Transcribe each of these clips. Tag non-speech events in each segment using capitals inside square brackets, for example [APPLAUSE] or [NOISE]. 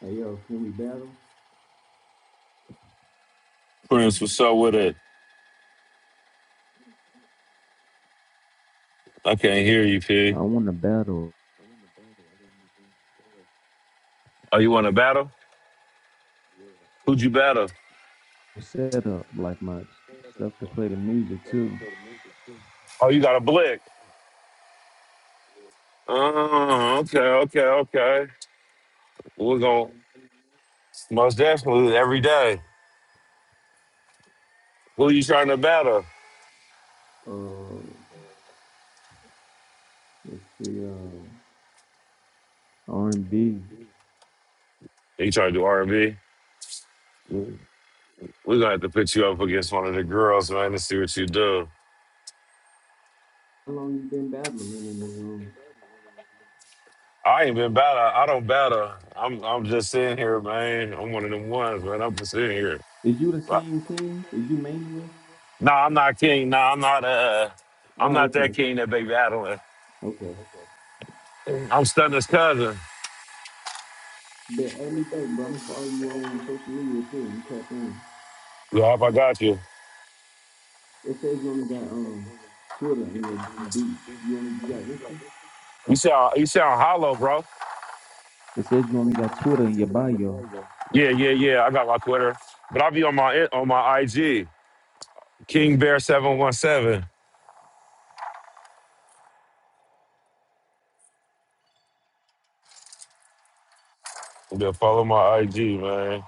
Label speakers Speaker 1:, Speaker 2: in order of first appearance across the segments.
Speaker 1: Hey yo, can we battle?
Speaker 2: Prince, what's up with it? I can't hear you, P.
Speaker 1: I want to battle
Speaker 2: Oh, you want to battle? Who'd you battle?
Speaker 1: set up like my stuff to play the music too.
Speaker 2: Oh, you got a blick. Oh, okay, okay, okay. We're going to most definitely every day. Who you trying to battle?
Speaker 1: Uh, let's see, um, R and B.
Speaker 2: You trying to do R&B? We're going to have to put you up against one of the girls, man, to see what you do.
Speaker 1: How long you been battling in this room?
Speaker 2: I ain't been battle. I don't battle. I'm I'm just sitting here, man. I'm one of them ones, man. I'm just sitting here.
Speaker 1: Is you the
Speaker 2: But-
Speaker 1: same king? Is you Mania?
Speaker 2: Nah, I'm not king. Nah, I'm not uh I'm
Speaker 1: Oh,
Speaker 2: not
Speaker 1: okay,
Speaker 2: that king that be battling.
Speaker 1: okay.
Speaker 2: I'm Stunner's cousin.
Speaker 1: Then add me back, bro. I'm gonna follow you on social media too. I'm gonna tap in.
Speaker 2: Yup, I got you.
Speaker 1: It says you only got um Twitter in your beat. You only got Insta.
Speaker 2: You sound you sound hollow, bro.
Speaker 1: It says you only got Twitter in your bio.
Speaker 2: Yeah, yeah, yeah. I got my Twitter, but I'll be on my on my IG, King Bear seven one seven. Go follow my IG, man.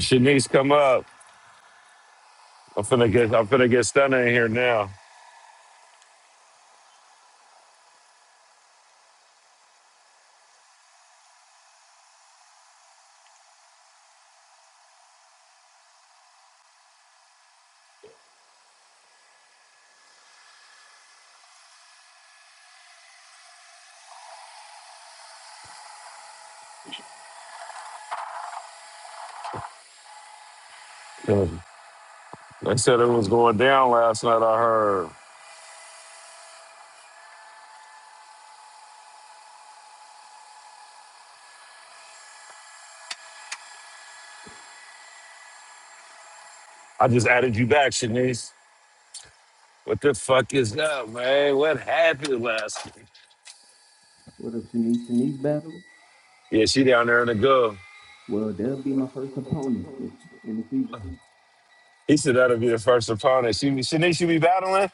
Speaker 2: Shanice, come up. I'm finna get I'm finna get stunning in here now. They said it was going down last night. I heard. I just added you back, Shanice. What the fuck is up, man? What happened last night?
Speaker 1: What up, Shanice? Shanice battle?
Speaker 2: Yeah, she down there in the go.
Speaker 1: Well, they'll be my first opponent in, in the future.
Speaker 2: He said that'll be the first opponent. She Shanice, you be battling?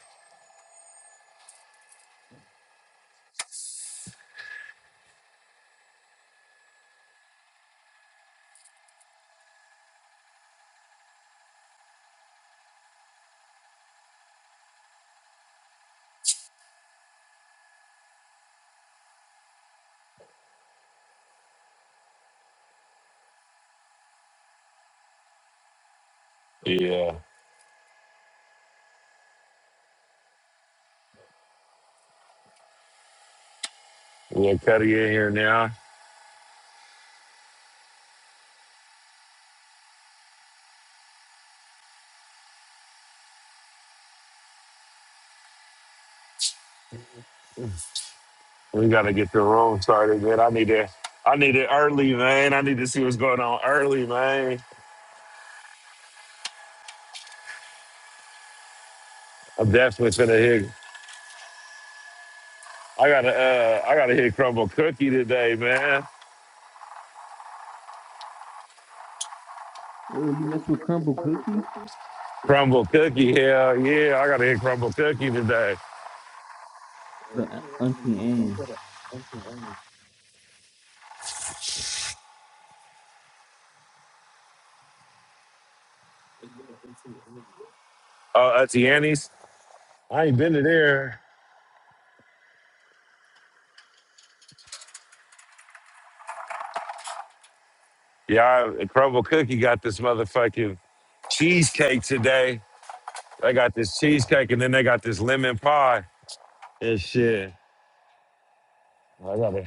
Speaker 2: Yeah. We'll cut it in here now. We gotta get the room started, man. I need it. I need it early, man. I need to see what's going on early, man. I'm definitely gonna hit. I gotta, uh, I gotta hit crumble cookie today, man.
Speaker 1: Oh, Uh, you mess with Crumble Cookie?
Speaker 2: Crumble cookie, hell yeah! I gotta hit crumble cookie today.
Speaker 1: The Auntie Anne's.
Speaker 2: Uh, Auntie Annie's. I ain't been to there. Yeah, I, crumble cookie got this motherfucking cheesecake today. They got this cheesecake, and then they got this lemon pie and shit. I got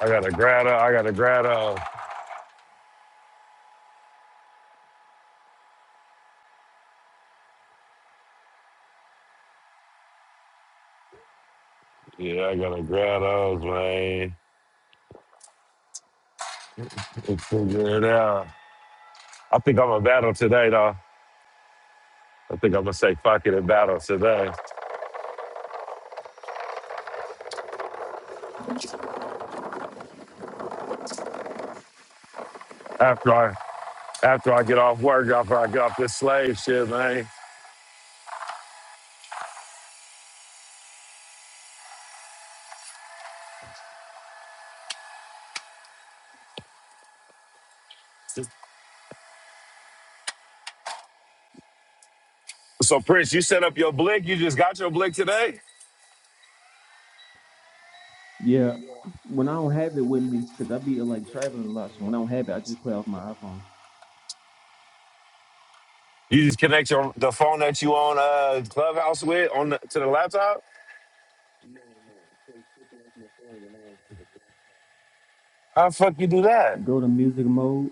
Speaker 2: I got a grotto. I got a grotto. Yeah, I got a grotto, man. Let's figure it out. I think I'm a battle today, though. I think I'm gonna say fuck it and battle today. After I after I get off work, after I get off this slave shit, man. So Prince, you set up your blick. You just got your blick today.
Speaker 1: Yeah, when I don't have it with me, because I be uh, like traveling a lot, so when I don't have it, I just play off my iPhone.
Speaker 2: You just connect your the phone that you on uh Clubhouse with on the, to the laptop. How the fuck you do that?
Speaker 1: Go to music mode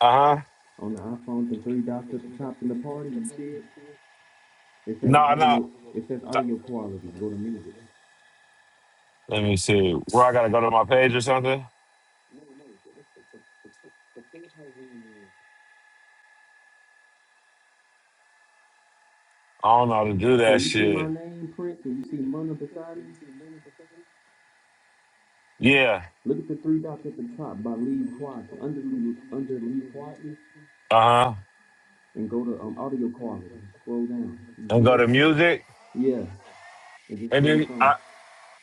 Speaker 2: Uh huh.
Speaker 1: on the iPhone, the three dots at the top in the party. You see it? It says
Speaker 2: No, no.
Speaker 1: audio. It says audio quality. Go to music.
Speaker 2: Let me see. Where I gotta go to my page or something. I don't know how to do
Speaker 1: So
Speaker 2: that
Speaker 1: you see my
Speaker 2: shit.
Speaker 1: name, Prince, and you see Mona beside me.
Speaker 2: Yeah.
Speaker 1: Look at the three dots at the top by Leave Quietly. Under Leave, under Leave Quietly.
Speaker 2: Uh huh.
Speaker 1: and go to um audio quality. Scroll down. You
Speaker 2: And
Speaker 1: see
Speaker 2: go
Speaker 1: it?
Speaker 2: to music,
Speaker 1: Yeah. And just
Speaker 2: and
Speaker 1: play a
Speaker 2: then
Speaker 1: song.
Speaker 2: I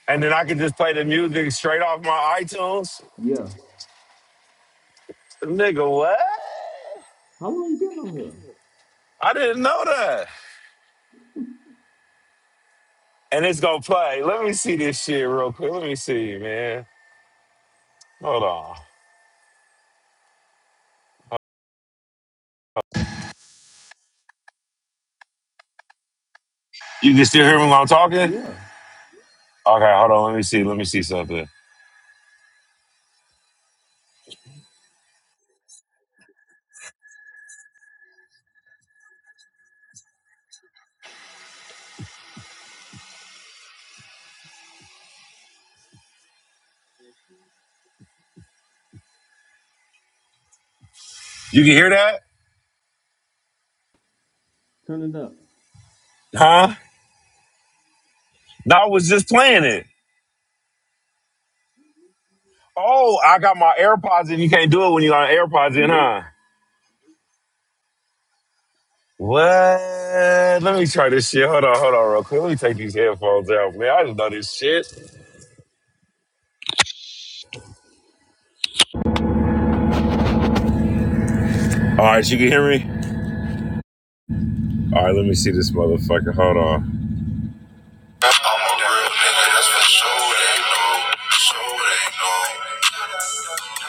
Speaker 2: and then I could just play the music straight off my iTunes.
Speaker 1: Yeah.
Speaker 2: Nigga, what?
Speaker 1: How long you been on
Speaker 2: I didn't know that. And it's gonna play. Let me see this shit real quick. Let me see, man. Hold on. You can still hear me when I'm talking?
Speaker 1: here? Yeah.
Speaker 2: Okay, hold on. Let me see. Let me see something. You can hear that?
Speaker 1: Turn it up.
Speaker 2: Huh? No, I was just playing it. Oh, I got my AirPods in. you can't do it when you got AirPods in,
Speaker 1: Nope.
Speaker 2: huh? What? Let me try this shit. Hold on, hold on, real quick. Let me take these headphones out, man. I didn't know this shit. All right, you can hear me. All right, let me see this motherfucker. Hold on. I'm a real nigga. That's for sure. They know. Sure they know.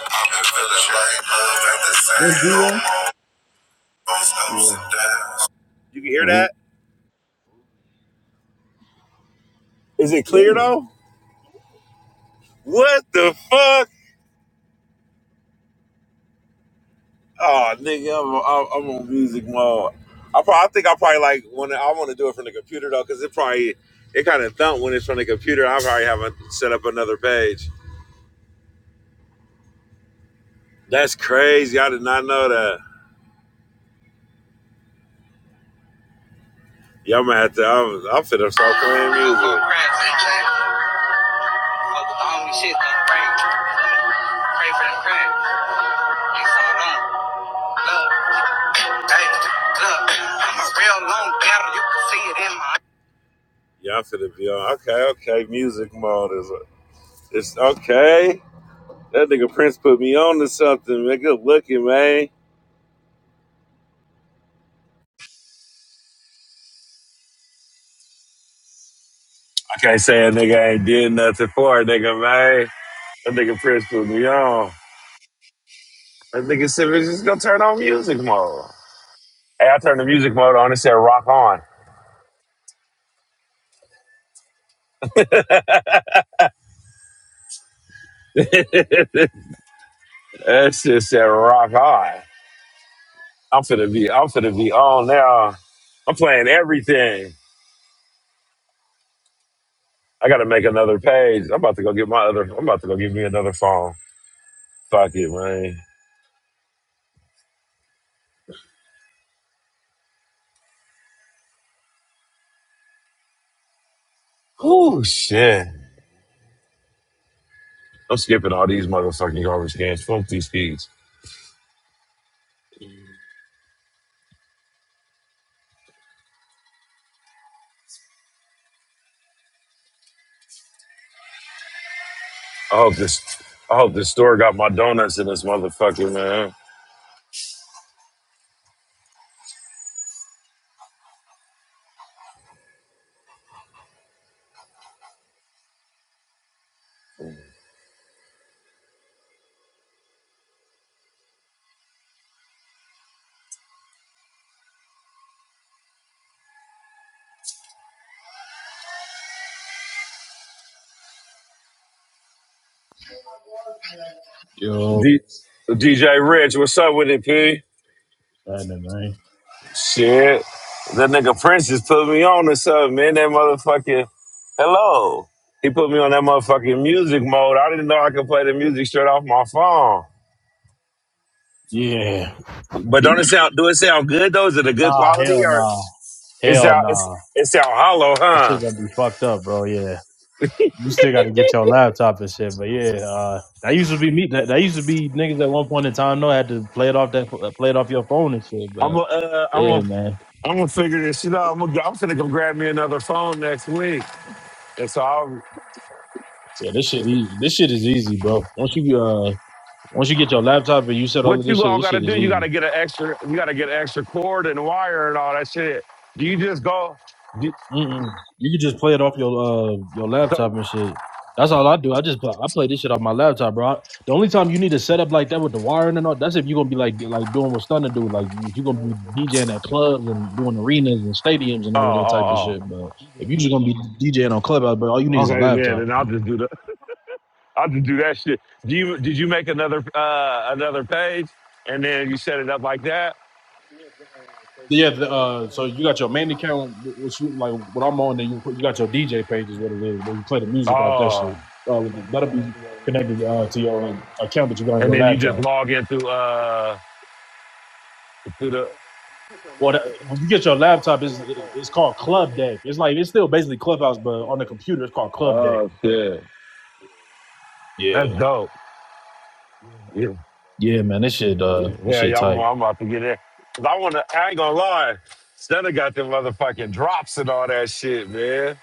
Speaker 2: I've been feeling like love ain't the
Speaker 1: That's
Speaker 2: same no
Speaker 1: zero.
Speaker 2: more. Those ups
Speaker 1: Yeah.
Speaker 2: and downs. You can hear
Speaker 1: Oh,
Speaker 2: that? Is it clear
Speaker 1: Yeah.
Speaker 2: though? What the fuck? Oh, nigga, I'm, I'm, I'm on music mode. I, probably, I think I probably like when I want to do it from the computer though, because it probably it kind of thump when it's from the computer. I probably haven't set up another page. That's crazy. I did not know that. Yeah, I'm gonna have to. I'm, I'm finna start playing music. Yeah, I'm finna be on. Okay, okay. Music mode is. It's okay. That nigga Prince put me on to something, man. Good looking, man. I can't say a nigga ain't did nothing for a nigga, man. That nigga Prince put me on. That nigga said, "We're just gonna turn on music mode. Hey, I turned the music mode on. It said rock on. [LAUGHS] that shit said rock on. I'm finna be, I'm finna be on now. I'm playing everything. I gotta make another page. I'm about to go get my other, I'm about to go get me another phone. Fuck it, man. Oh, shit. I'm skipping all these motherfucking garbage cans. Fuck these kids. I hope this. I hope this store got my donuts in this motherfucker, man.
Speaker 3: Yo,
Speaker 2: D, DJ Rich, what's up with it, P?
Speaker 3: China, man.
Speaker 2: Shit, that nigga Prince just put me on or something, man. That motherfucking hello. He put me on that motherfucking music mode. I didn't know I could play the music straight off my phone.
Speaker 3: Yeah.
Speaker 2: But don't it sound? Do it sound good though? Is it a good
Speaker 3: Nah,
Speaker 2: quality
Speaker 3: hell
Speaker 2: or
Speaker 3: nah.
Speaker 2: it
Speaker 3: Hell
Speaker 2: sound? It's,
Speaker 3: nah.
Speaker 2: it sound hollow,
Speaker 3: That shit
Speaker 2: huh?
Speaker 3: gonna be fucked up, bro. Yeah. You still gotta get your laptop and shit. But yeah, uh that used to be me that, that used to be niggas at one point in time though had to play it off that play it off your phone and shit.
Speaker 2: I'm
Speaker 3: But
Speaker 2: gonna, uh, I'm
Speaker 3: yeah,
Speaker 2: gonna,
Speaker 3: man.
Speaker 2: I'm gonna figure this shit out. I'm gonna, I'm gonna go grab me another phone next week. And so, I'll,
Speaker 3: Yeah, this shit easy. this shit is easy, bro. Once you uh once you get your laptop and you set all
Speaker 2: what
Speaker 3: of this
Speaker 2: you
Speaker 3: shit,
Speaker 2: all
Speaker 3: this
Speaker 2: gotta
Speaker 3: shit is
Speaker 2: do? You
Speaker 3: easy.
Speaker 2: gotta get an extra, you gotta get an extra cord and wire and all that shit. Do you just go? Do,
Speaker 3: Mm-mm. You can just play it off your uh your
Speaker 2: so,
Speaker 3: laptop and shit. That's all I do. I just play, I play this shit off my laptop, bro. I- the only time you need to set up like that with the wiring and all that's if you're gonna be like like doing what Stunner do, like if you're gonna be DJing at clubs and doing arenas and stadiums and
Speaker 2: oh,
Speaker 3: all of that type of
Speaker 2: oh,
Speaker 3: shit. But if you're just gonna be DJing on clubhouse, but all you need
Speaker 2: oh.
Speaker 3: is a
Speaker 2: Okay, yeah.
Speaker 3: laptop.
Speaker 2: Then I'll just do the, [LAUGHS] I'll just do that shit. Do you, did you make another, uh, another page, and then you set it up like that?
Speaker 3: Yeah. The, uh. So you got your main account, wh- which you like what I'm on, and you put- you got your DJ page is what it is, where you play the music off that
Speaker 2: Oh,
Speaker 3: shit. Uh, that'll be connected uh, to your uh, account that you got on
Speaker 2: and
Speaker 3: your
Speaker 2: then you
Speaker 3: laptop.
Speaker 2: just log into, uh, to the.
Speaker 3: Well, when you get your laptop, it's it's called Club Deck. It's like it's still basically Clubhouse, but on the computer, it's called Club Deck.
Speaker 2: Oh shit,
Speaker 3: Yeah,
Speaker 2: that's dope. Yeah.
Speaker 3: yeah, man, this shit, uh, this
Speaker 2: Yeah,
Speaker 3: shit
Speaker 2: y'all know
Speaker 3: tight.
Speaker 2: I'm about to get in. Cause I wanna I ain't gonna lie. Stunner got them motherfucking drops and all that shit, man.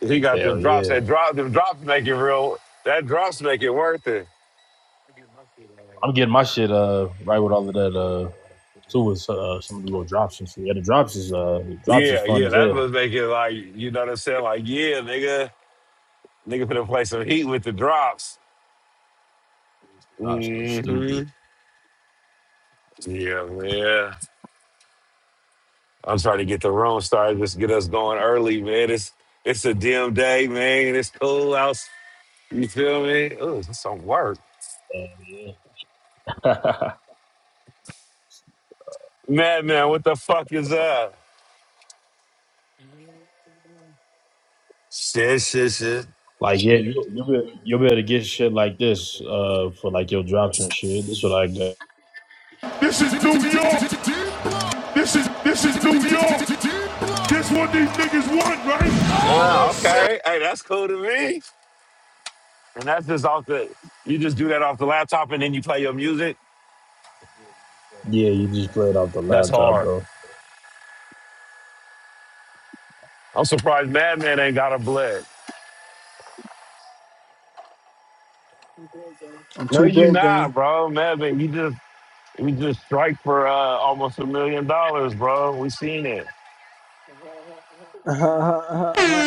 Speaker 2: He got
Speaker 3: Hell
Speaker 2: them drops.
Speaker 3: yeah,
Speaker 2: That drop them drops make it real that drops make it worth it.
Speaker 3: I'm getting my shit, uh, right with all of that, uh, too. Is uh, some of the little drops and shit. Yeah, the drops is, uh, the drops is
Speaker 2: Yeah,
Speaker 3: fun
Speaker 2: yeah,
Speaker 3: as
Speaker 2: that
Speaker 3: hell.
Speaker 2: was making like you know what I'm saying? Like, yeah, nigga, nigga finna play some heat with the drops.
Speaker 3: Drops go
Speaker 2: hmm
Speaker 3: stupid.
Speaker 2: Yeah, man. I'm trying to get the room started, just get us going early, man. It's it's a dim day, man. It's cool out. You feel me? Oh, it's some work.
Speaker 3: Uh, yeah. [LAUGHS]
Speaker 2: Madman, what the fuck is that? Shit, shit, shit.
Speaker 3: like yeah, you, you'll be you'll be able to get shit like this, uh, for like your drops and shit. This is what I got.
Speaker 4: This is New York. This is this is New York. This what these niggas want, right? Oh
Speaker 2: Uh,
Speaker 4: shit!
Speaker 2: okay. Hey, that's cool to me. And that's just off the, you just do that off the laptop and then you play your music.
Speaker 3: Yeah, you just play it off the
Speaker 2: That's
Speaker 3: laptop,
Speaker 2: hard.
Speaker 3: bro.
Speaker 2: I'm surprised Madman ain't got a bled.
Speaker 5: I'm
Speaker 2: No,
Speaker 5: too
Speaker 2: you
Speaker 5: broke, gang.
Speaker 2: not, bro. Madman, you just, we just strike for uh, almost a million dollars, bro. We seen it.
Speaker 5: [LAUGHS] How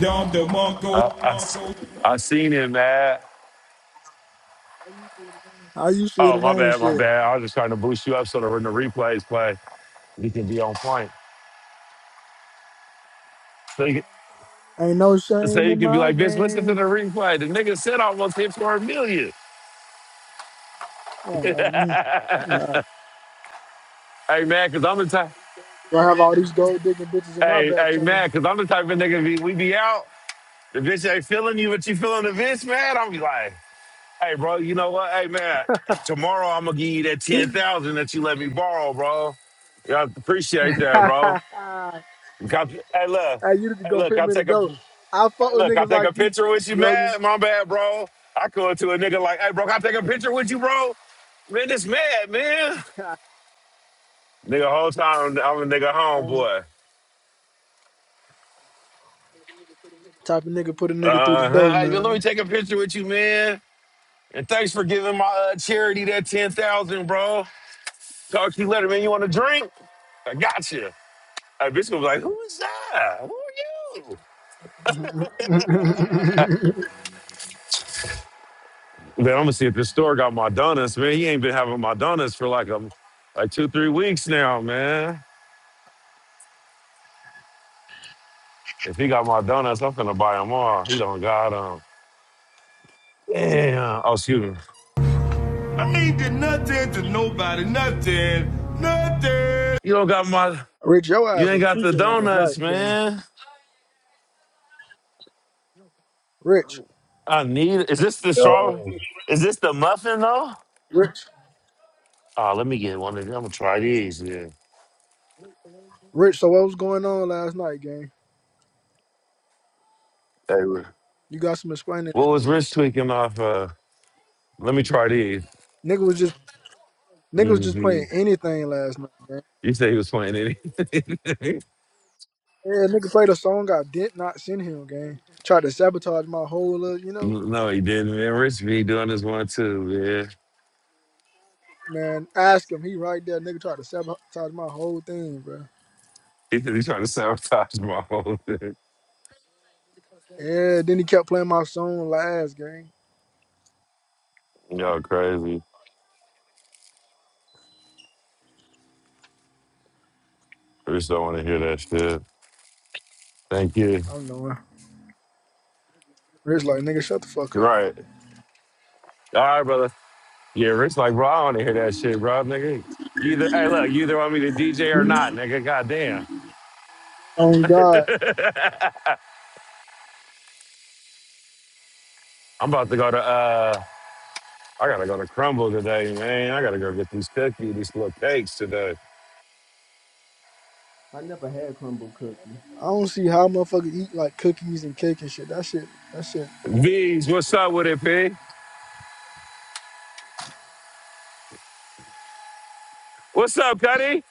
Speaker 4: Dom DeMarco.
Speaker 2: Uh, I, s- I seen it, man.
Speaker 5: you see it
Speaker 2: Oh,
Speaker 5: today
Speaker 2: my
Speaker 5: and
Speaker 2: bad, my
Speaker 5: shit?
Speaker 2: bad. I was just trying to boost you up so that when the replays play, you can be on point.
Speaker 5: Ain't no
Speaker 2: So
Speaker 5: shame
Speaker 2: you
Speaker 5: in
Speaker 2: can be
Speaker 5: my
Speaker 2: like, bitch, listen to
Speaker 5: game.
Speaker 2: the replay. The nigga said I almost hit for a million.
Speaker 5: Uh,
Speaker 2: [LAUGHS] hey
Speaker 5: uh, mm, uh.
Speaker 2: man, cause I'm the type
Speaker 5: Gonna have all these gold digging bitches in my
Speaker 2: hey,
Speaker 5: back
Speaker 2: hey
Speaker 5: channel.
Speaker 2: man, cause I'm the type of nigga be, we be out. The bitch ain't feeling you, but you feeling the bitch, man. I'll be like, hey bro, you know what? Hey man, tomorrow I'm gonna give you that ten thousand that you let me borrow, bro. Y'all appreciate that, bro. Got- Hey look,
Speaker 5: [LAUGHS] hey, you just
Speaker 2: hey
Speaker 5: gonna
Speaker 2: look,
Speaker 5: put
Speaker 2: I'll
Speaker 5: me in the
Speaker 2: take a
Speaker 5: dough. I
Speaker 2: Hey,
Speaker 5: fuck with
Speaker 2: look, I
Speaker 5: niggas
Speaker 2: take
Speaker 5: like
Speaker 2: a
Speaker 5: you,
Speaker 2: picture with you,
Speaker 5: Yogi.
Speaker 2: man. My bad, bro. I go to a nigga like, hey, bro, can I take a picture with you, bro? Man, this mad, man.
Speaker 5: [LAUGHS]
Speaker 2: Nigga, whole time I'm a nigga
Speaker 5: Um,
Speaker 2: homeboy.
Speaker 5: type of nigga put a nigga through the
Speaker 2: Uh
Speaker 5: dough,
Speaker 2: huh. Hey, man, let me
Speaker 5: man.
Speaker 2: take a picture with you, man. And thanks for giving my uh, charity that ten thousand, bro. Talk to you later, man. You want a drink? I got you. Hey, bitch gonna be like, who is that? Who are you?
Speaker 5: [LAUGHS]
Speaker 2: Then I'm gonna see if this store got my donuts, man. He ain't been having my donuts for like a like two, three weeks now, man. If he got my donuts, I'm finna buy them all. He don't got them. Damn. Oh, excuse me.
Speaker 4: I ain't did nothing to nobody, nothing, nothing.
Speaker 2: You don't got my.
Speaker 5: Rich, your
Speaker 2: You
Speaker 5: ass
Speaker 2: ain't
Speaker 5: was
Speaker 2: got the
Speaker 5: tweaking last night,
Speaker 2: donuts,
Speaker 5: gang.
Speaker 2: man.
Speaker 5: Rich,
Speaker 2: I need. it. Is this the strawberry?
Speaker 3: Yo,
Speaker 2: Is this the muffin though?
Speaker 5: Rich,
Speaker 2: Oh, let me get one of them. I'm gonna try these. Yeah.
Speaker 5: Rich. So what was going on last night, gang?
Speaker 2: Hey, Ri-
Speaker 5: You got some explaining.
Speaker 2: what
Speaker 5: to
Speaker 2: was
Speaker 5: do.
Speaker 2: Rich tweaking off? Uh, let me try these.
Speaker 5: Nigga was just Niggas just
Speaker 2: hmm
Speaker 5: playing anything last night, gang.
Speaker 2: You said he was playing it.
Speaker 5: Yeah, nigga played a song I did not send him, gang. Tried to sabotage my whole, uh, you
Speaker 2: [LAUGHS]
Speaker 5: know,
Speaker 2: no, he didn't, man. Rich be doing this one too, man.
Speaker 5: man. Ask him, he right there. Nigga tried to sabotage my whole thing, bro.
Speaker 2: He, he's trying to sabotage my whole thing.
Speaker 5: Yeah, then he kept playing my song last, gang.
Speaker 2: Y'all crazy. Rich don't want to hear that shit. Thank you.
Speaker 5: I don't know. Rich like, nigga, shut the fuck
Speaker 2: You're
Speaker 5: up.
Speaker 2: right. All right, brother. Yeah, Rick's like, bro, I want to hear that shit, bro, nigga. Either, hey, look, you either want me to DJ or not, nigga. Goddamn.
Speaker 5: Oh God,
Speaker 2: [LAUGHS] I'm about to go to, uh, I gotta go to Crumble today, man. I gotta go get these cookies, these little cakes today.
Speaker 1: I never had crumble cookie.
Speaker 5: I don't see how motherfuckers eat like cookies and cake and shit. That shit, that shit.
Speaker 2: V's, what's
Speaker 5: uh,
Speaker 2: up with it, P? What's up, Cuddy?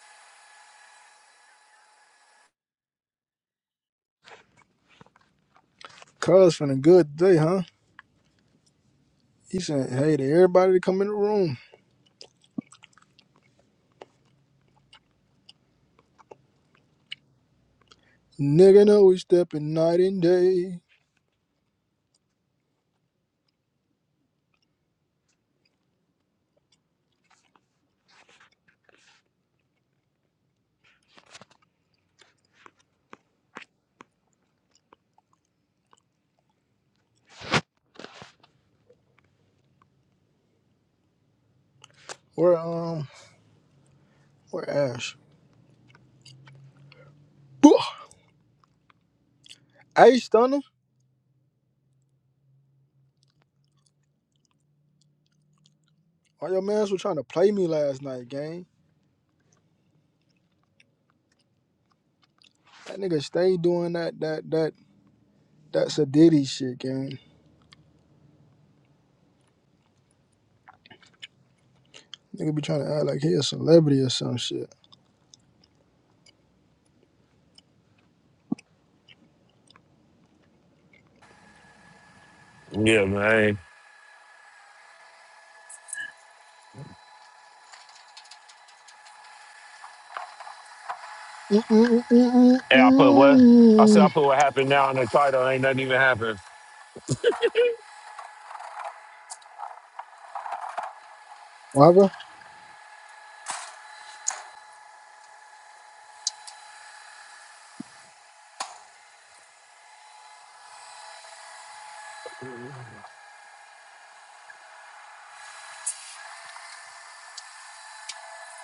Speaker 5: Cuz finna good day, huh? He said, hey to everybody to come in the room. Nigga know we stepping night and day. We're um What Ash, Bwah! Hey, Stunner. All your mans were trying to play me last night, gang. That nigga stay doing that, that, that, that Sadiddy shit, gang. Nigga be trying to act like he a celebrity or some shit.
Speaker 2: Yeah, man. Hey, I put what? I said I
Speaker 5: Mm-mm-mm-mm-mm.
Speaker 2: put what happened now in the title. Ain't nothing even happened.
Speaker 5: Whatever.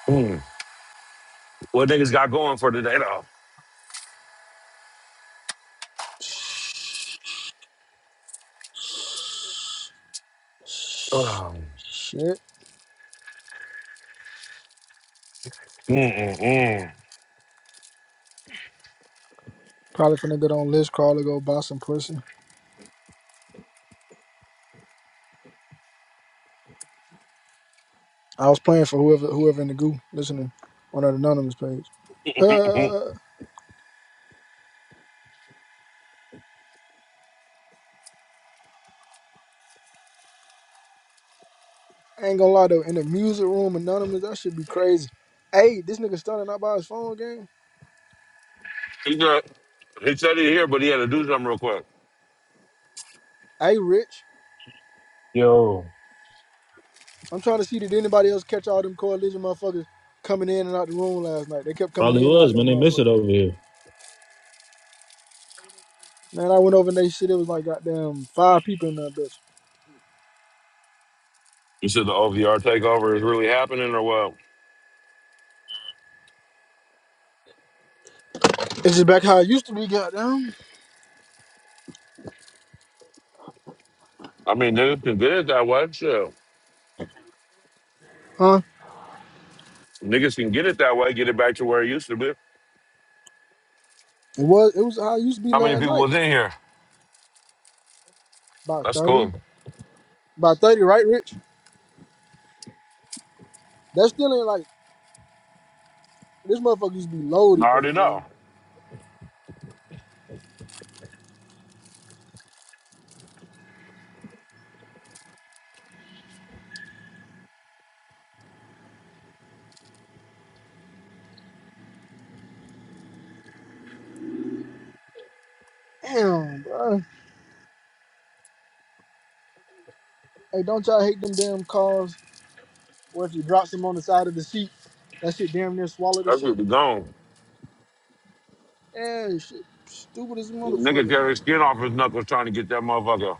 Speaker 2: Hmm. What niggas got going for today, though?
Speaker 5: Shit. Probably finna get on list call to go buy some pussy. I was playing for whoever whoever in the goo listening on that anonymous page.
Speaker 2: [LAUGHS]
Speaker 5: Uh. I ain't gonna lie though, in the music room, anonymous, that should be crazy. Hey, this nigga stunning out by his phone game.
Speaker 2: he, got, he said he here, but he had to do something real quick.
Speaker 5: Hey, Rich,
Speaker 3: yo,
Speaker 5: I'm trying to see did anybody else catch all them coalition motherfuckers coming in and out the room last night. They kept coming
Speaker 3: Probably
Speaker 5: in and out
Speaker 3: was,
Speaker 5: that
Speaker 3: man. They miss it
Speaker 5: motherfucker.
Speaker 3: over here.
Speaker 5: Man, I went over and they shit. It was like goddamn five people in that bitch.
Speaker 2: You said the OVR takeover is really happening, or what?
Speaker 5: It's just back how it used to be, goddamn.
Speaker 2: I mean, niggas can get it that way. Shit.
Speaker 5: Huh?
Speaker 2: Niggas can get it that way, get it back to where it used to be.
Speaker 5: It was. It was how it used to be
Speaker 2: How many
Speaker 5: last
Speaker 2: people
Speaker 5: night.
Speaker 2: was in here?
Speaker 5: About
Speaker 2: That's
Speaker 5: thirty.
Speaker 2: cool.
Speaker 5: About thirty, right, Rich? That still ain't like this motherfucker used to be
Speaker 2: I
Speaker 5: loaded though,
Speaker 2: already know.
Speaker 5: gang. Damn, bro. Hey, don't y'all hate them damn calls? Or if you drops him on the side of the seat, that shit damn near swallowed the
Speaker 2: That's what
Speaker 5: shit.
Speaker 2: we gone.
Speaker 5: Yeah, shit, stupid as a
Speaker 2: Nigga
Speaker 5: motherfucker.
Speaker 2: tear his skin off his knuckles trying to get that motherfucker.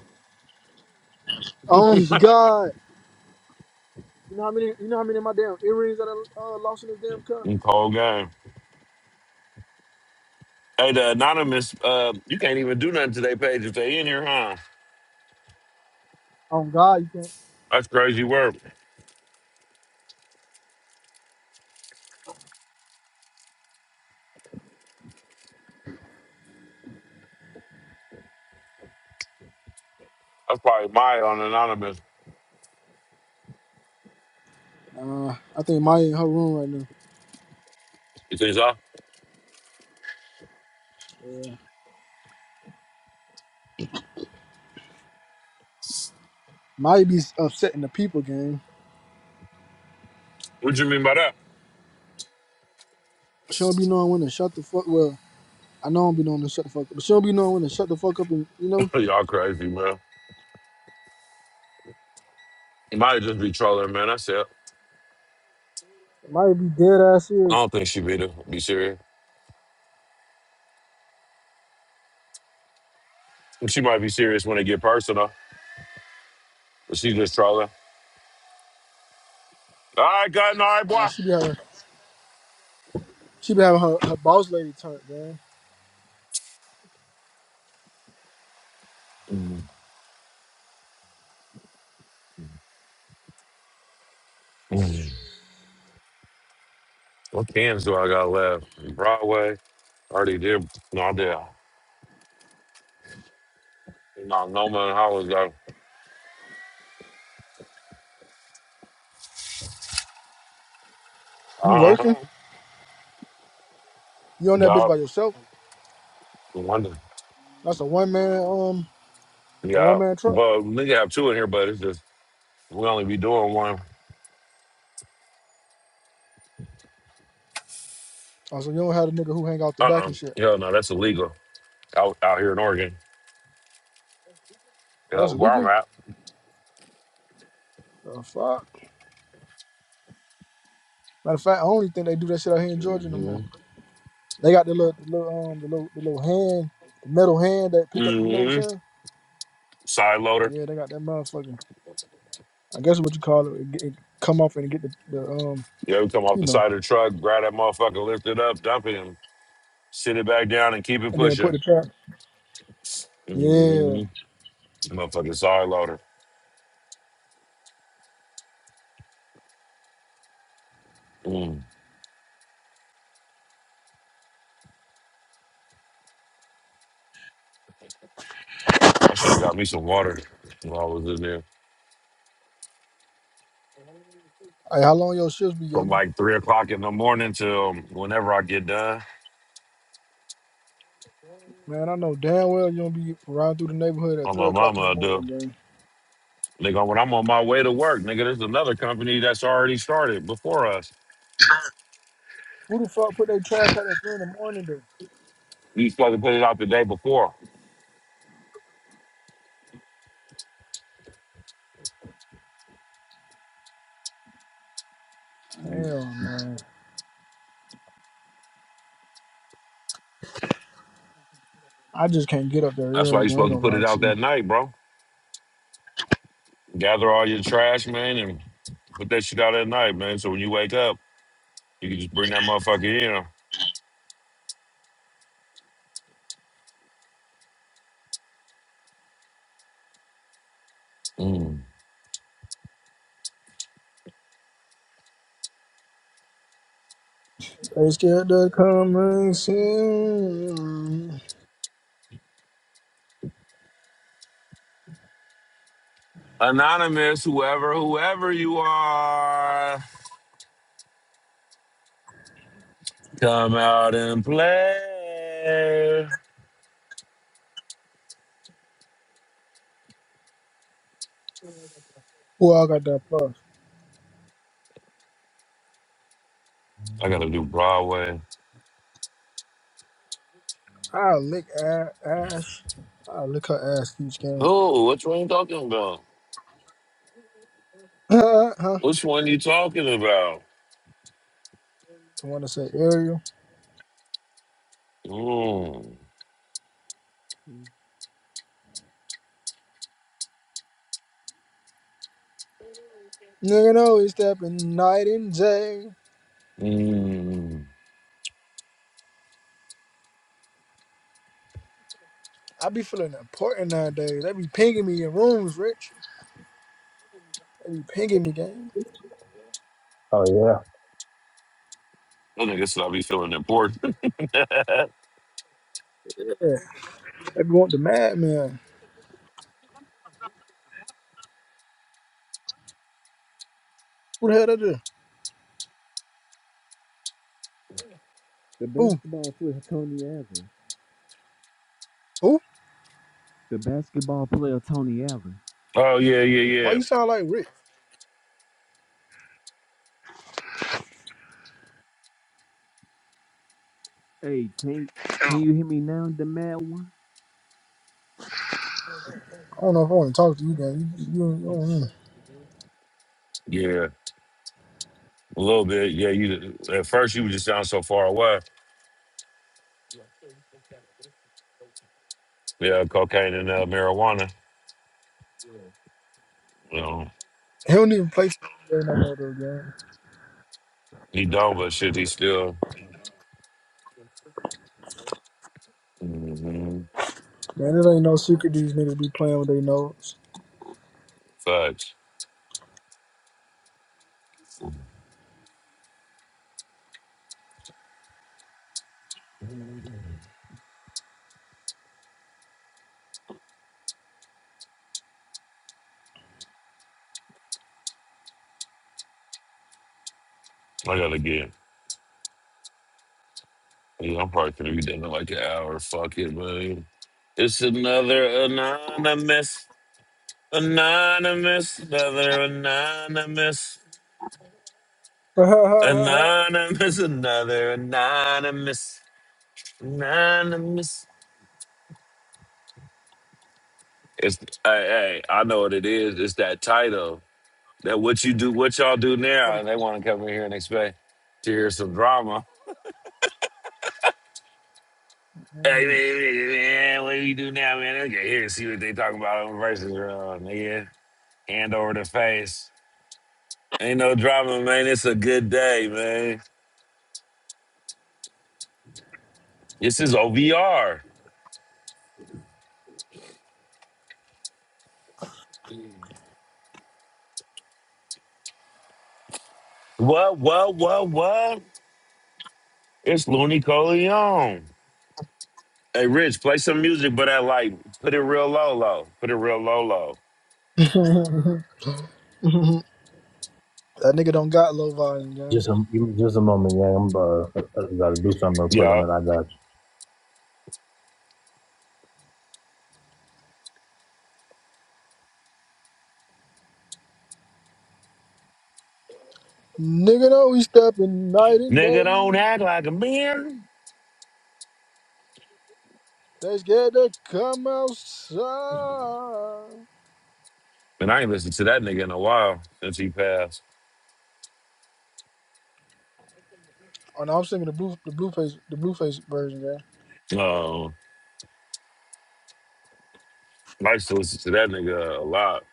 Speaker 5: Oh God, you know how many, you know how many of my damn earrings that I uh, lost in this damn car.
Speaker 2: Mm, Cold game. Hey, the anonymous, uh, you can't even do nothing to their page if they in here, huh?
Speaker 5: Oh God, you can't.
Speaker 2: That's crazy work. That's probably my on anonymous.
Speaker 5: Uh, I think Maya in her room right now.
Speaker 2: You think so?
Speaker 5: Yeah, Maya be upsetting the people, gang.
Speaker 2: What you mean by that?
Speaker 5: She don't be knowing when to shut the fuck. Well, I know I don't be knowing when to shut the fuck up, but she don't be knowing when to shut the fuck up, and you know,
Speaker 2: [LAUGHS] Y'all crazy, man. Might just be trolling, man. That's it.
Speaker 5: Maya be dead ass
Speaker 2: I
Speaker 5: serious.
Speaker 2: don't think she be to be serious. She might be serious when it get personal, but she just trolling. All right, got all right,
Speaker 5: Uh,
Speaker 2: boy.
Speaker 5: she be having, she be having her, her boss lady turn, gang.
Speaker 2: Mm, mm. What cans do I got left? Broadway. Already did. No, I did. No, Noma and Hollis got.
Speaker 5: You
Speaker 2: Uh-huh.
Speaker 5: working? You on that bitch
Speaker 2: Yup.
Speaker 5: by yourself?
Speaker 2: Wonder.
Speaker 5: That's a one man um a one
Speaker 2: Yeah.
Speaker 5: man truck.
Speaker 2: Well, nigga have two in here, but it's just we only be doing one.
Speaker 5: Oh, so you don't have a nigga who hang out the
Speaker 2: Uh
Speaker 5: back
Speaker 2: uh
Speaker 5: and shit.
Speaker 2: Hell no, that's illegal out out here in Oregon.
Speaker 5: Oh,
Speaker 2: Yeah,
Speaker 5: that's
Speaker 2: where I'm
Speaker 5: illegal.
Speaker 2: at.
Speaker 5: The fuck. Matter of fact, I only think they do that shit out here in Georgia no
Speaker 2: Mm-hmm.
Speaker 5: more. They got the little, the little, um, the little, the little hand, the metal hand that pick up. You know what I'm
Speaker 2: Mm-hmm.
Speaker 5: saying?
Speaker 2: Side loader.
Speaker 5: Yeah, they got that motherfucker. I guess what you call it. It, get- it come off and get the, the um,
Speaker 2: You ever come off
Speaker 5: you
Speaker 2: the
Speaker 5: know,
Speaker 2: side of the truck, grab that motherfucker, lift it up, dump him, sit it back down, and keep it
Speaker 5: and then put
Speaker 2: pushing.
Speaker 5: the trap. Yeah.
Speaker 2: mm Motherfucking side loader. Mm. I should have got me some water while I was in there.
Speaker 5: Hey, how long your shifts be,
Speaker 2: From
Speaker 5: Yogi?
Speaker 2: like three o'clock in the morning till whenever I get done,
Speaker 5: Man, I know damn well you don't be riding through the neighborhood at
Speaker 2: on my
Speaker 5: three o'clock
Speaker 2: mama,
Speaker 5: in the
Speaker 2: I
Speaker 5: morning,
Speaker 2: do.
Speaker 5: gang.
Speaker 2: Nigga, when I'm on my way to work, nigga, there's another company that's already started before us.
Speaker 5: Who the fuck put their trash out at three in the morning, though?
Speaker 2: You supposed to put it out the day before.
Speaker 5: Hell, man. I just can't get up there
Speaker 2: That's
Speaker 5: early.
Speaker 2: why you
Speaker 5: I ain't
Speaker 2: supposed
Speaker 5: gonna
Speaker 2: to put
Speaker 5: lie
Speaker 2: it
Speaker 5: to
Speaker 2: out
Speaker 5: you.
Speaker 2: that night, bro. Gather all your trash, man, and put that shit out at night, man. So when you wake up. You can just bring that motherfucker in. Mm.
Speaker 5: They scared to coming soon.
Speaker 2: Anonymous, whoever, whoever you are, come out and play.
Speaker 5: Who all got that plus?
Speaker 2: I gotta do Broadway.
Speaker 5: I'll lick a- Ash. I'll lick her ass each game. [LAUGHS]
Speaker 2: Oh, which one you talking about?
Speaker 5: Huh? huh?
Speaker 2: Which one you talking about?
Speaker 5: The one that say Ariel.
Speaker 2: Mm.
Speaker 5: Nigga know he's stepping night and day.
Speaker 2: Mm.
Speaker 5: I be feeling important nowadays. They be pinging me in rooms, Rich. They be pinging me, gang.
Speaker 3: Oh yeah.
Speaker 2: I think this will be feeling important. [LAUGHS] oh
Speaker 5: Yeah. They be want the madman. Who the hell that is?
Speaker 1: the
Speaker 5: Who?
Speaker 1: basketball player Tony Allen.
Speaker 5: Who?
Speaker 1: The basketball player Tony Allen.
Speaker 2: yeah, yeah,
Speaker 5: Why
Speaker 2: yeah,
Speaker 5: you sound like Rich?
Speaker 1: Hey, can can you hear me now, the mad one?
Speaker 5: I don't know if I want to talk to you, gang. You, you, you, don't
Speaker 2: yeah. A little bit. Yeah, you. At first, you would just sound so far away. Yeah, cocaine and uh, marijuana. You know,
Speaker 5: He don't even play they no more though, gang.
Speaker 2: he done, but shit, he still. Mm-hmm.
Speaker 5: Man, it ain't no secret these niggas be playing with their nose.
Speaker 2: Facts. I gotta get. Yeah, I'm probably gonna be done in like an hour. Fuck it, man. It's another anonymous, anonymous, another anonymous,
Speaker 5: [LAUGHS] what
Speaker 2: anonymous, another anonymous, anonymous. It's hey, hey, I know what it is. It's that title. That what you do, what y'all do
Speaker 5: a,
Speaker 2: now. They want to come in here and expect to hear some drama. Hey man,
Speaker 5: Mm.
Speaker 2: hey, man, what do you do now, man? Okay, here, see what they talking about over versus uh, nigga. Hand over the face. Ain't no drama, man. It's a good day, man. This is OVR. What, what, what, what? It's Looney Coleon. Hey, Rich, play some music, but I like put it real low, low. Put it real low, low.
Speaker 5: [LAUGHS] that nigga don't got low volume, gang.
Speaker 3: Just a give me just a moment, yeah. I'm uh, gotta do something real quick, and
Speaker 2: Yeah.
Speaker 3: then I got
Speaker 5: Nigga know we stepping night and
Speaker 2: Nigga don't
Speaker 5: day.
Speaker 2: act like a man.
Speaker 5: They scared to come outside. Oh
Speaker 2: And I ain't listened to that nigga in a while since he passed.
Speaker 5: no, I'm singing the blue the blue face the blue face version, gang.
Speaker 2: Um, I used to listen to that nigga a lot.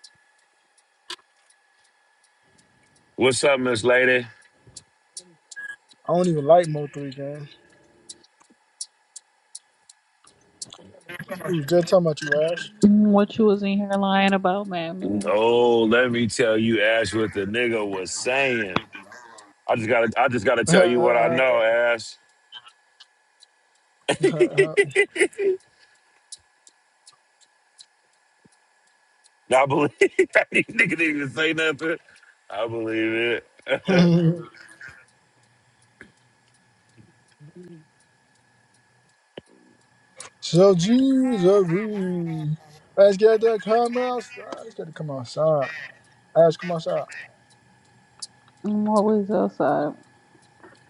Speaker 2: What's up, Miss Lady?
Speaker 5: I don't even like Mo three, gang. We was just talking about
Speaker 6: Mm, What you was in here lying about, man, man.
Speaker 2: Oh, let me tell you, Ash, what the nigga was saying. I just gotta, I just gotta tell you what I know, Ash. [LAUGHS] I
Speaker 5: you,
Speaker 2: believe [LAUGHS] that nigga didn't even say nothing. I believe it.
Speaker 5: Ash. [LAUGHS] So Jesus, we let's get to come outside. Let's get to come outside. Ash, come outside.
Speaker 6: I'm always outside.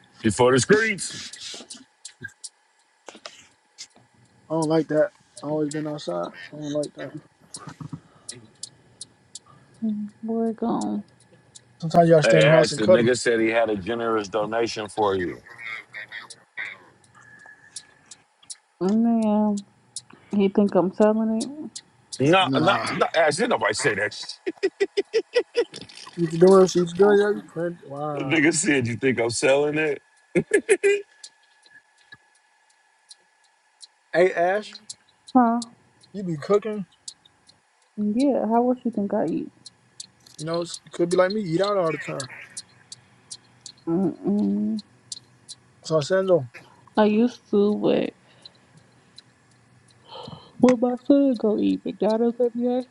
Speaker 2: [LAUGHS] Before the streets.
Speaker 5: I don't like that. I always been outside. I don't like that.
Speaker 6: Mm, Boy, gone.
Speaker 5: Sometimes you gotta stay
Speaker 2: Hey,
Speaker 5: in the house
Speaker 2: Ash,
Speaker 5: and
Speaker 2: the
Speaker 5: cuddle.
Speaker 2: nigga said he had a generous donation for you.
Speaker 6: Man, he think I'm selling
Speaker 2: No, no,
Speaker 5: Nah.
Speaker 2: no, Ash, didn't nobody say that shit. [LAUGHS]
Speaker 5: What you doing? What you
Speaker 6: it?
Speaker 5: doing? yo? You playing?
Speaker 2: The
Speaker 5: Wow.
Speaker 2: nigga said, you think I'm selling it?
Speaker 5: Hey Ash,
Speaker 6: Huh?
Speaker 5: you be cooking?
Speaker 6: Yeah, how else you think I eat?
Speaker 5: You know, it's- could be like me. Eat out all the time.
Speaker 6: Mm-mm.
Speaker 5: So I'm saying though.
Speaker 6: I used to, but when my son go eat McDonald's every day,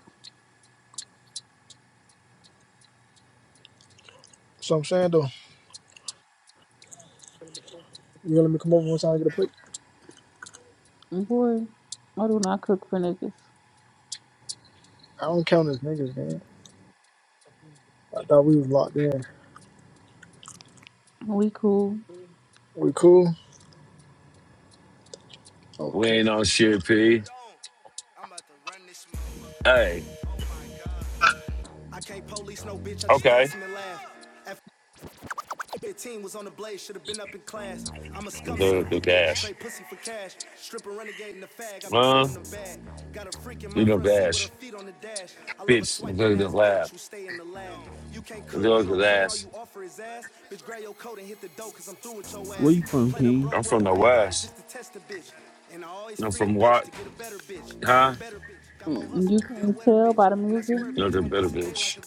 Speaker 5: So I'm saying though. You gonna let me come over one time and get a plate?
Speaker 6: boy, I do not cook for niggas.
Speaker 5: I don't count as niggas, man. I thought we was locked in.
Speaker 6: We cool.
Speaker 5: We cool?
Speaker 2: We
Speaker 5: Okay.
Speaker 2: ain't on shit, P. Hey, okay. The, the cash. Huh? You know, cash. Bitch, look at the laugh. Those are last.
Speaker 1: Where you from, King?
Speaker 2: I'm from the West. I'm from what? Huh?
Speaker 6: Mm, You can tell by the music,
Speaker 2: You know, the better bitch.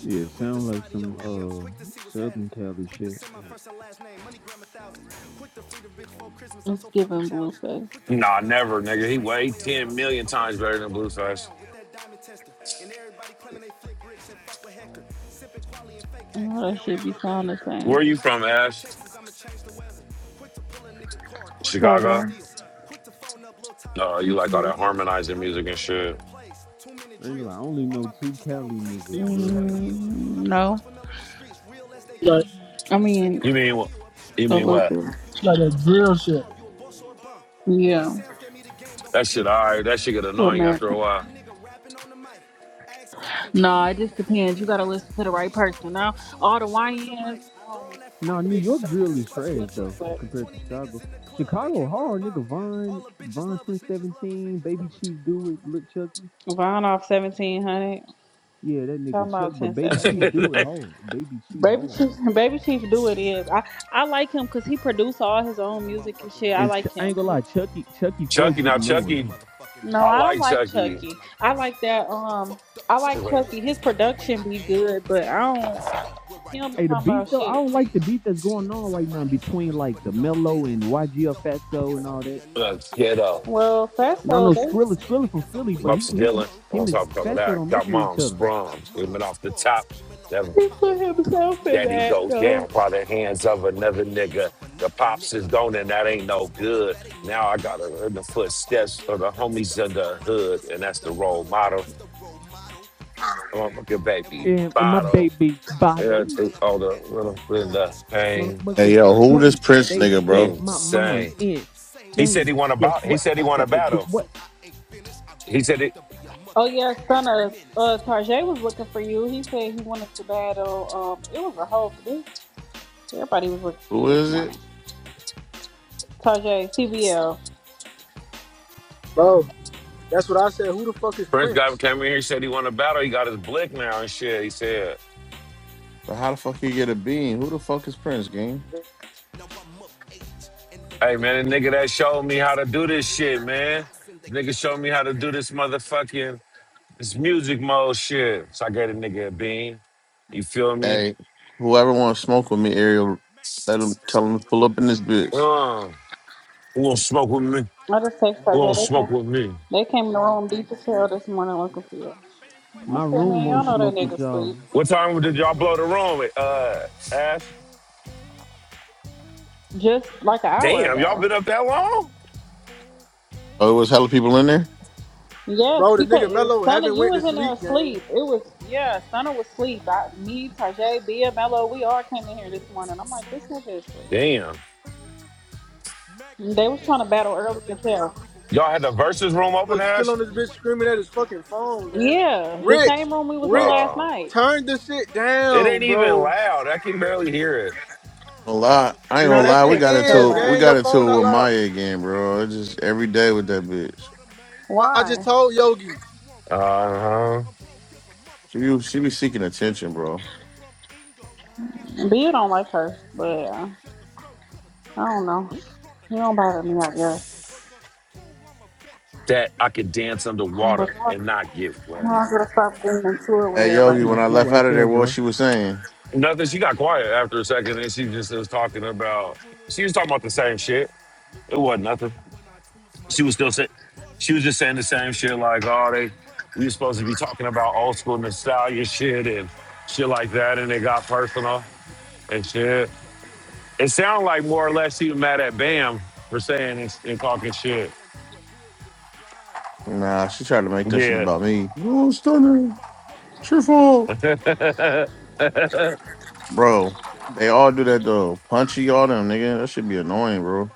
Speaker 1: Yeah, sound like some uh Southern Cali shit.
Speaker 6: it's giving blueface.
Speaker 2: Nah, never, nigga. He weighed 10 million times better than Blueface.
Speaker 6: All that shit be sound the same.
Speaker 2: Where you from, Ash? Chicago?
Speaker 6: Chicago.
Speaker 2: No, you like all
Speaker 6: Mm-hmm.
Speaker 2: that harmonizing music and shit.
Speaker 1: I ain't gonna lie, I only know two Cali niggas, bro.
Speaker 6: Mm, No.
Speaker 5: Like,
Speaker 6: I mean,
Speaker 2: You mean what? You
Speaker 6: a
Speaker 2: mean
Speaker 6: little
Speaker 2: what?
Speaker 6: bit.
Speaker 5: like that grill shit,
Speaker 6: Yeah.
Speaker 2: That shit, all right. That shit get
Speaker 6: What
Speaker 2: annoying
Speaker 6: matter?
Speaker 2: after a while.
Speaker 6: No, it just depends. You gotta listen to the right person. Now, all the YNs, I don't. I
Speaker 1: No,
Speaker 6: can
Speaker 1: New
Speaker 6: listen to
Speaker 1: York
Speaker 6: that
Speaker 1: drill
Speaker 6: shit
Speaker 1: is
Speaker 6: for a
Speaker 1: trash
Speaker 6: little bit,
Speaker 1: though
Speaker 6: but
Speaker 1: compared to Chicago. Chicago hard nigga Von Von ten seventeen Baby Chief do it look Chucky
Speaker 6: Von off seventeen hundred.
Speaker 1: yeah that nigga
Speaker 6: Talking
Speaker 1: Chuck
Speaker 6: about
Speaker 1: but
Speaker 6: ten
Speaker 1: Baby Chief
Speaker 6: seventeen.
Speaker 1: do it
Speaker 2: [LAUGHS]
Speaker 1: hard Baby Chief
Speaker 6: Baby
Speaker 1: hard
Speaker 6: Chief, Baby Chief, do what it is. I I like him because he produced all his own music and shit. I
Speaker 1: and Ch-
Speaker 6: like
Speaker 1: I ain't
Speaker 6: him.
Speaker 1: gonna lie Chucky Chucky flow
Speaker 2: Chucky,
Speaker 1: get
Speaker 2: now
Speaker 1: annoying.
Speaker 2: Chucky,
Speaker 6: No,
Speaker 2: I
Speaker 6: I don't
Speaker 2: like
Speaker 6: like
Speaker 2: Chucky.
Speaker 6: Chucky. I like that. Um, I like
Speaker 2: Wait.
Speaker 6: Chucky. His production be good, but I don't. He don't be
Speaker 1: Hey the
Speaker 6: talking
Speaker 1: beat
Speaker 6: about
Speaker 1: though I
Speaker 6: shit.
Speaker 1: don't like the beat that's going on right now between like the Mello and YG or Fatso and all that.
Speaker 2: Look, Ghetto,
Speaker 6: Well,
Speaker 1: And I
Speaker 6: Fatso,
Speaker 1: know
Speaker 6: they
Speaker 1: Skrilla Skrilla from Philly but he
Speaker 2: Bubs
Speaker 1: he
Speaker 2: Dylan. I
Speaker 1: he- him
Speaker 2: want to
Speaker 1: and
Speaker 2: talk about
Speaker 1: Fatso don't
Speaker 2: that.
Speaker 1: mess
Speaker 2: Got
Speaker 1: with
Speaker 2: mom,
Speaker 1: each other.
Speaker 2: sprung. It went off the top. That
Speaker 6: He put himself in
Speaker 2: that he
Speaker 6: that
Speaker 2: goes down
Speaker 6: though.
Speaker 2: by the hands of another nigga. The pops is gone and that ain't no good. Now I gotta learn the footsteps of the homies in the hood, and that's the role model. Motherfucking baby
Speaker 1: And, and my
Speaker 2: bottle.
Speaker 1: baby
Speaker 2: Yeah,
Speaker 1: bottle.
Speaker 2: to all the little in the pain.
Speaker 1: motherfucking
Speaker 7: Hey yo, who this
Speaker 1: day.
Speaker 7: Prince
Speaker 1: They done
Speaker 7: nigga,
Speaker 1: drove
Speaker 7: bro?
Speaker 1: my
Speaker 2: Insane.
Speaker 1: mom's in.
Speaker 2: He said
Speaker 1: Say,
Speaker 2: he won a
Speaker 1: guess
Speaker 2: battle. He
Speaker 1: what?
Speaker 2: said he
Speaker 1: I
Speaker 2: won a
Speaker 1: got to do
Speaker 2: battle.
Speaker 1: what?
Speaker 2: He said it.
Speaker 6: Oh yeah, son of uh, Tarjay was looking for you. He said he wanted to battle. Um, it was a whole dude. Everybody was looking for you
Speaker 7: Who
Speaker 6: this
Speaker 7: is
Speaker 6: morning.
Speaker 7: it?
Speaker 6: Tarjay, CBL.
Speaker 5: bro. That's what I said. Who the fuck is
Speaker 2: Prince guy
Speaker 5: Prince?
Speaker 2: came in here, said he won a battle. He got his blick now and shit. He said,
Speaker 7: But How the fuck you get a bean? Who the fuck is Prince, gang?
Speaker 2: hey man, the nigga that showed me how to do this shit, man. Nigga showed me how to do this motherfucking It's music mode shit. So I gave a nigga a bean. You feel me?
Speaker 7: Hey, whoever want to smoke with me, Ariel, let him tell him to pull up in this bitch.
Speaker 2: Uh, who gonna smoke with me?
Speaker 6: I just text
Speaker 2: Who gonna
Speaker 6: Tarjay. They
Speaker 2: smoke
Speaker 6: came.
Speaker 2: with me?
Speaker 6: They came in the room deep as hell this morning looking for you. I
Speaker 1: My
Speaker 6: said,
Speaker 1: room
Speaker 6: man, y'all
Speaker 1: won't
Speaker 6: know that
Speaker 1: smoke with
Speaker 6: nigga
Speaker 1: y'all.
Speaker 6: sleep.
Speaker 2: What time did y'all blow the room with, uh, Ash?
Speaker 6: Just like an hour
Speaker 2: Damn, y'all
Speaker 6: ago.
Speaker 2: been up that long?
Speaker 7: Oh, it was hella people in there.
Speaker 6: Yes,
Speaker 5: Bro, the
Speaker 6: because
Speaker 5: nigga Mello
Speaker 6: Stunner,
Speaker 5: haven't
Speaker 6: you
Speaker 5: went to
Speaker 6: was in there
Speaker 5: sleep, gang.
Speaker 6: asleep. It was yeah, Stunner was asleep. I, me, Tajay, Bia, Mello, we all came in here this morning. I'm like, this nigga is asleep.
Speaker 2: Damn.
Speaker 6: They was trying to battle early as hell.
Speaker 2: Y'all had the versus room open,
Speaker 5: Was still
Speaker 2: Ash?
Speaker 5: on this bitch screaming at his fucking phone, gang.
Speaker 6: Yeah, the
Speaker 5: Rich,
Speaker 6: same room we was in
Speaker 5: Rich,
Speaker 6: last
Speaker 2: Uh,
Speaker 6: night.
Speaker 5: turn the shit
Speaker 2: it
Speaker 5: down,
Speaker 2: ain't even
Speaker 5: bro.
Speaker 2: loud. I can barely hear it.
Speaker 7: A lot. I ain't gonna
Speaker 6: No, that
Speaker 5: Yes,
Speaker 7: lie,
Speaker 5: it
Speaker 7: we
Speaker 6: shit
Speaker 7: got
Speaker 6: was so
Speaker 5: is,
Speaker 7: into we
Speaker 5: gang.
Speaker 6: loud.
Speaker 5: Your
Speaker 7: got into
Speaker 5: phone
Speaker 7: it
Speaker 5: not
Speaker 7: with
Speaker 5: loud.
Speaker 7: Maya again, bro. It's just every day with that bitch.
Speaker 5: Bro, I just
Speaker 6: Why?
Speaker 5: told Yogi,
Speaker 2: Uh-huh.
Speaker 7: She be- she be seeking attention, bro.
Speaker 6: B, you don't like her, but uh, I don't know. You don't bother me, I guess.
Speaker 2: That I could dance
Speaker 6: But
Speaker 2: underwater
Speaker 6: y'all
Speaker 2: and not get wet.
Speaker 6: y'all gotta stop getting into it with
Speaker 7: Hey
Speaker 1: That's
Speaker 7: Yogi,
Speaker 6: everybody
Speaker 7: when
Speaker 1: my
Speaker 7: I
Speaker 6: every
Speaker 1: shit
Speaker 7: left
Speaker 1: right
Speaker 7: out of
Speaker 1: there,
Speaker 7: there, what
Speaker 1: bro.
Speaker 7: she was saying?
Speaker 2: Nothing, she got quiet after a second and she just was talking about, she was talking about the same shit. It wasn't nothing. she was still saying she was just saying the same shit like oh they we were supposed to be talking about old school nostalgia shit and shit like that and it got personal and shit it sounded like more or less she was mad at bam for saying and, and talking shit
Speaker 7: Nah, she tried to make that shit
Speaker 2: yeah
Speaker 7: about me. Oh, stunner, cheerful.
Speaker 2: [LAUGHS]
Speaker 7: Bro, they all do that though. Punchy all them, nigga. That should be annoying, bro.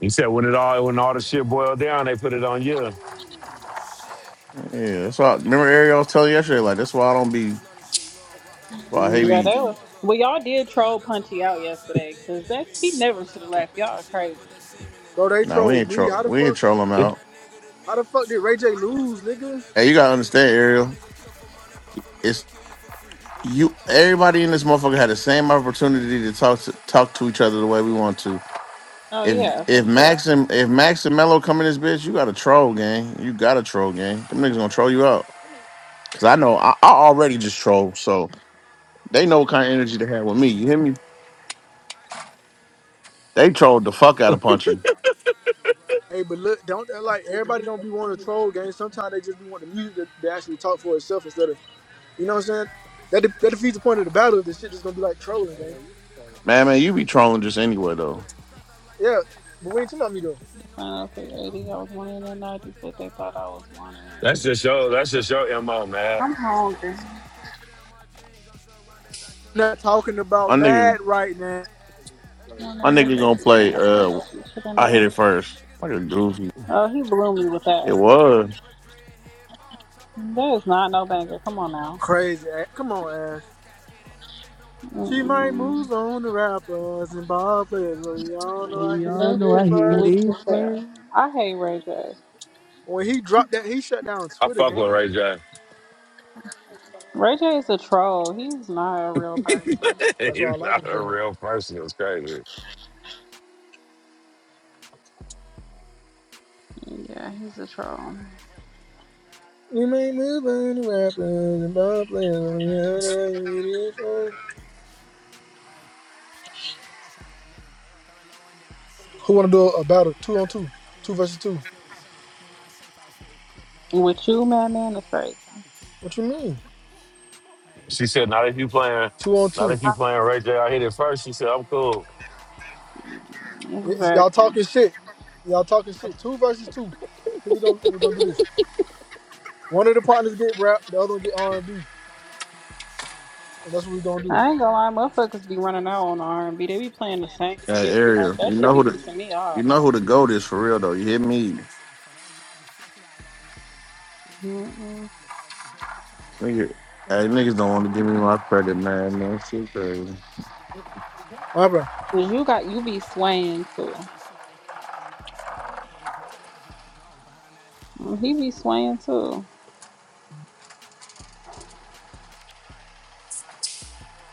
Speaker 2: he said when it all when all the shit boiled down they put it on you
Speaker 7: Yeah, that's why. Remember, Ariel I was telling you yesterday, like that's why I don't be. That's why I hate
Speaker 6: day. Yeah,
Speaker 7: be.
Speaker 6: they were. Well, y'all did troll Punchy out yesterday, cause that he never should have left. Y'all are crazy.
Speaker 5: bro. They
Speaker 7: Nah, we
Speaker 5: trolled
Speaker 7: ain't
Speaker 5: me. How
Speaker 7: troll.
Speaker 5: the
Speaker 7: We
Speaker 5: fuck?
Speaker 7: ain't troll them
Speaker 2: [LAUGHS]
Speaker 7: out.
Speaker 5: How the fuck did Ray J lose, nigga?
Speaker 7: Hey, you gotta understand, Ariel. It's you. Everybody in this motherfucker had the same opportunity to talk to talk to each other the way we want to.
Speaker 6: Oh
Speaker 7: If
Speaker 6: yeah, for
Speaker 7: if Max
Speaker 6: sure.
Speaker 7: and if Max and Mello come in this bitch, you got to troll, gang. You got to troll, gang. Them niggas gonna troll you out. Cause I know I, I already just troll, so they know what kind of energy they have with me. You hear me? They trolled the fuck out of Punchy.
Speaker 5: Hey, but look, don't uh, like everybody don't be wanting to troll, gang. Sometimes they just be wanting the music to, to actually talk for itself instead of, you know what I'm saying? That, de- that defeats the point of the battle. This shit just gonna be like trolling, gang.
Speaker 7: Man, man, you be trolling just anywhere though.
Speaker 5: Yeah, but we ain't talking about me though.
Speaker 6: Sign up for 80. I was one of the 90s, but they thought I was one of
Speaker 2: that's just
Speaker 6: the 80s.
Speaker 2: your that's just your mo man
Speaker 6: I'm hungry.
Speaker 5: Not talking
Speaker 7: My
Speaker 5: about
Speaker 7: nigga,
Speaker 5: Mad right now.
Speaker 6: don't
Speaker 7: my
Speaker 6: know that
Speaker 7: nigga
Speaker 6: that's
Speaker 7: gonna
Speaker 6: the same
Speaker 7: play.
Speaker 6: as what I
Speaker 7: Uh,
Speaker 6: see
Speaker 7: I hit it first. Like a goofy.
Speaker 6: Oh, he blew me with
Speaker 7: It
Speaker 6: that.
Speaker 7: was
Speaker 6: There is not no banger. Come on now.
Speaker 5: Crazy. Ash. Come on, Ash. She might
Speaker 6: Mm-mm.
Speaker 5: move on to rappers and ball players, but we all
Speaker 1: But
Speaker 5: know I hit
Speaker 1: we all
Speaker 6: That's
Speaker 1: know
Speaker 5: it
Speaker 1: I
Speaker 6: his
Speaker 1: hit
Speaker 5: first.
Speaker 6: weak
Speaker 1: it
Speaker 6: as hell.
Speaker 1: first.
Speaker 6: I hate Ray J.
Speaker 5: When he dropped that, he shut down
Speaker 2: i
Speaker 5: Twitter
Speaker 2: fuck with
Speaker 5: game.
Speaker 2: ray j
Speaker 6: Ray J is a troll. He's not a real
Speaker 2: [LAUGHS]
Speaker 6: person.
Speaker 5: That's why I
Speaker 2: he's
Speaker 5: like
Speaker 2: not
Speaker 5: him
Speaker 2: a
Speaker 5: so much.
Speaker 2: real person it's crazy
Speaker 6: Yeah, he's a troll.
Speaker 5: You may move on to rappers and ball players, but we all know I hit it first. Who wanna do a battle? Two on two, two versus two.
Speaker 6: With you, Madman, that's crazy.
Speaker 5: What you mean?
Speaker 2: She said, "Not if you playing,
Speaker 5: Two on
Speaker 2: not
Speaker 5: two.
Speaker 2: if you playing Ray J. I hit it first." She said, "I'm cool.
Speaker 5: It's, y'all
Speaker 6: Exactly.
Speaker 5: talking shit. Y'all talking shit. Two versus two. Here we go. We're gonna do this. One of the partners get rap, the other one get R and B, and that's what we gonna do.
Speaker 6: I ain't gonna lie, motherfuckers be running out on R&B. They be playing the same
Speaker 7: that
Speaker 6: shit. Like,
Speaker 7: area.
Speaker 6: that
Speaker 7: You
Speaker 6: shit
Speaker 7: know
Speaker 6: be
Speaker 7: who the
Speaker 6: pissing me
Speaker 7: you
Speaker 6: off.
Speaker 7: know who the goat is for real though. You hit me,
Speaker 6: Mm-mm.
Speaker 7: nigga. Hey, niggas don't want to give me my credit, man. Man, shit crazy.
Speaker 5: What happened?
Speaker 6: Cause you got you be swaying too. Mm, He be swaying too.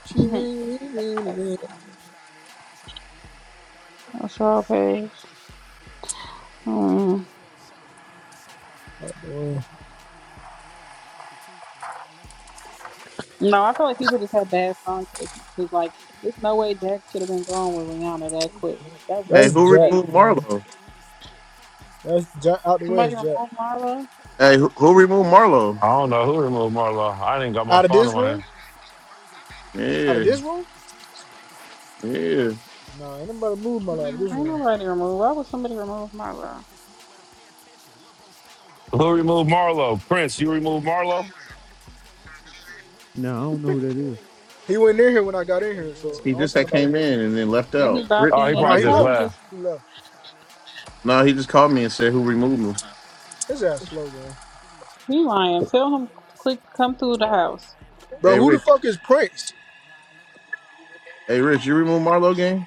Speaker 5: She
Speaker 6: Mhm.
Speaker 5: made me
Speaker 6: That's
Speaker 5: leave
Speaker 6: like what a straw pass. Mm.
Speaker 5: out the way.
Speaker 6: No, I feel like people just have bad song choices because, like, there's no way Jack should have been going with Rihanna that quick. That was
Speaker 7: Hey,
Speaker 6: just
Speaker 5: That's
Speaker 7: who
Speaker 5: Jack,
Speaker 6: crazy.
Speaker 7: removed
Speaker 5: man.
Speaker 7: Marlo?
Speaker 5: That's Jack out the way
Speaker 6: Somebody
Speaker 5: is Jack.
Speaker 6: remove Marlo?
Speaker 7: Hey, who, who removed Marlo?
Speaker 2: I don't know who removed Marlo. I didn't got my
Speaker 5: Out of
Speaker 2: phone in
Speaker 5: this
Speaker 2: my hand.
Speaker 5: room? Out of
Speaker 7: Yeah,
Speaker 5: this room?
Speaker 7: yeah.
Speaker 5: Nah, ain't nobody moved my out of
Speaker 6: Mm,
Speaker 5: this
Speaker 6: Ain't
Speaker 5: room.
Speaker 6: nobody remove. Why would somebody remove Marlo?
Speaker 2: Who removed Marlo? Prince, you removed Marlo?
Speaker 1: Nah, I don't know who that is.
Speaker 5: He went in here when I got in here, so I
Speaker 7: He
Speaker 5: don't
Speaker 7: just
Speaker 5: think
Speaker 7: that
Speaker 5: nobody
Speaker 7: came
Speaker 5: moved.
Speaker 7: in and then left
Speaker 6: Yeah, he
Speaker 7: out.
Speaker 6: bopped
Speaker 7: Rich.
Speaker 6: in
Speaker 2: Oh, he
Speaker 5: Oh
Speaker 6: and
Speaker 5: no,
Speaker 2: probably
Speaker 6: he
Speaker 5: he
Speaker 2: just
Speaker 5: left.
Speaker 6: probably
Speaker 2: laughed.
Speaker 6: just
Speaker 5: He left.
Speaker 7: No, he just called me and said who removed him.
Speaker 5: His ass slow, gang.
Speaker 6: be lying. Tell him to click come through the house.
Speaker 5: Bro,
Speaker 7: Hey,
Speaker 5: who the
Speaker 7: Rich.
Speaker 5: fuck is Prince?
Speaker 7: Hey, Rich, you removed Marlo game?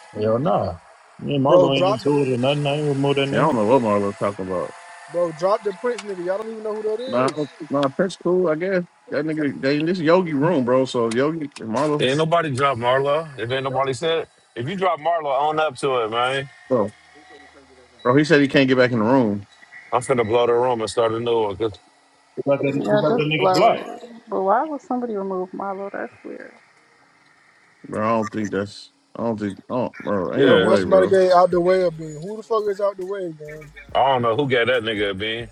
Speaker 3: you. Hell
Speaker 6: Yeah,
Speaker 3: nah. Yeah,
Speaker 5: Bro,
Speaker 3: Margo ain't
Speaker 5: drop
Speaker 3: into it or nothing. I ain't with more that
Speaker 7: Yeah, I
Speaker 3: nigga.
Speaker 7: don't know what Marlo's talking about.
Speaker 5: bro, drop the Prince nigga. Y'all don't even know who that
Speaker 7: Nah, I
Speaker 5: is.
Speaker 7: don't- nah, Prince cool, I guess. That nigga, they, in this Yogi room, bro. So Yogi and
Speaker 2: Ain't
Speaker 7: Marlo,
Speaker 2: nobody dropped Marlo. If ain't nobody said, it. if you drop Marlo, own up to it, man.
Speaker 7: bro, bro, he said he can't get back in the room.
Speaker 2: I'm finna blow the room and start a new one. Cause
Speaker 3: Who got that, who got
Speaker 6: just
Speaker 3: that nigga
Speaker 6: blow
Speaker 3: blocked?
Speaker 6: it. But why would somebody remove Marlo? That's weird.
Speaker 7: Bro, I don't think that's. I don't think. I don't, bro, ain't
Speaker 5: Bro,
Speaker 7: no
Speaker 5: now
Speaker 2: yeah,
Speaker 7: way,
Speaker 5: somebody
Speaker 7: bro.
Speaker 5: gave out the way of being. Who the fuck is out the way, gang?
Speaker 2: I don't know who got that nigga a bean.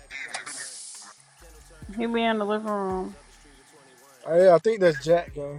Speaker 6: He be in the living room.
Speaker 5: Hey, I think that's Jack, gang.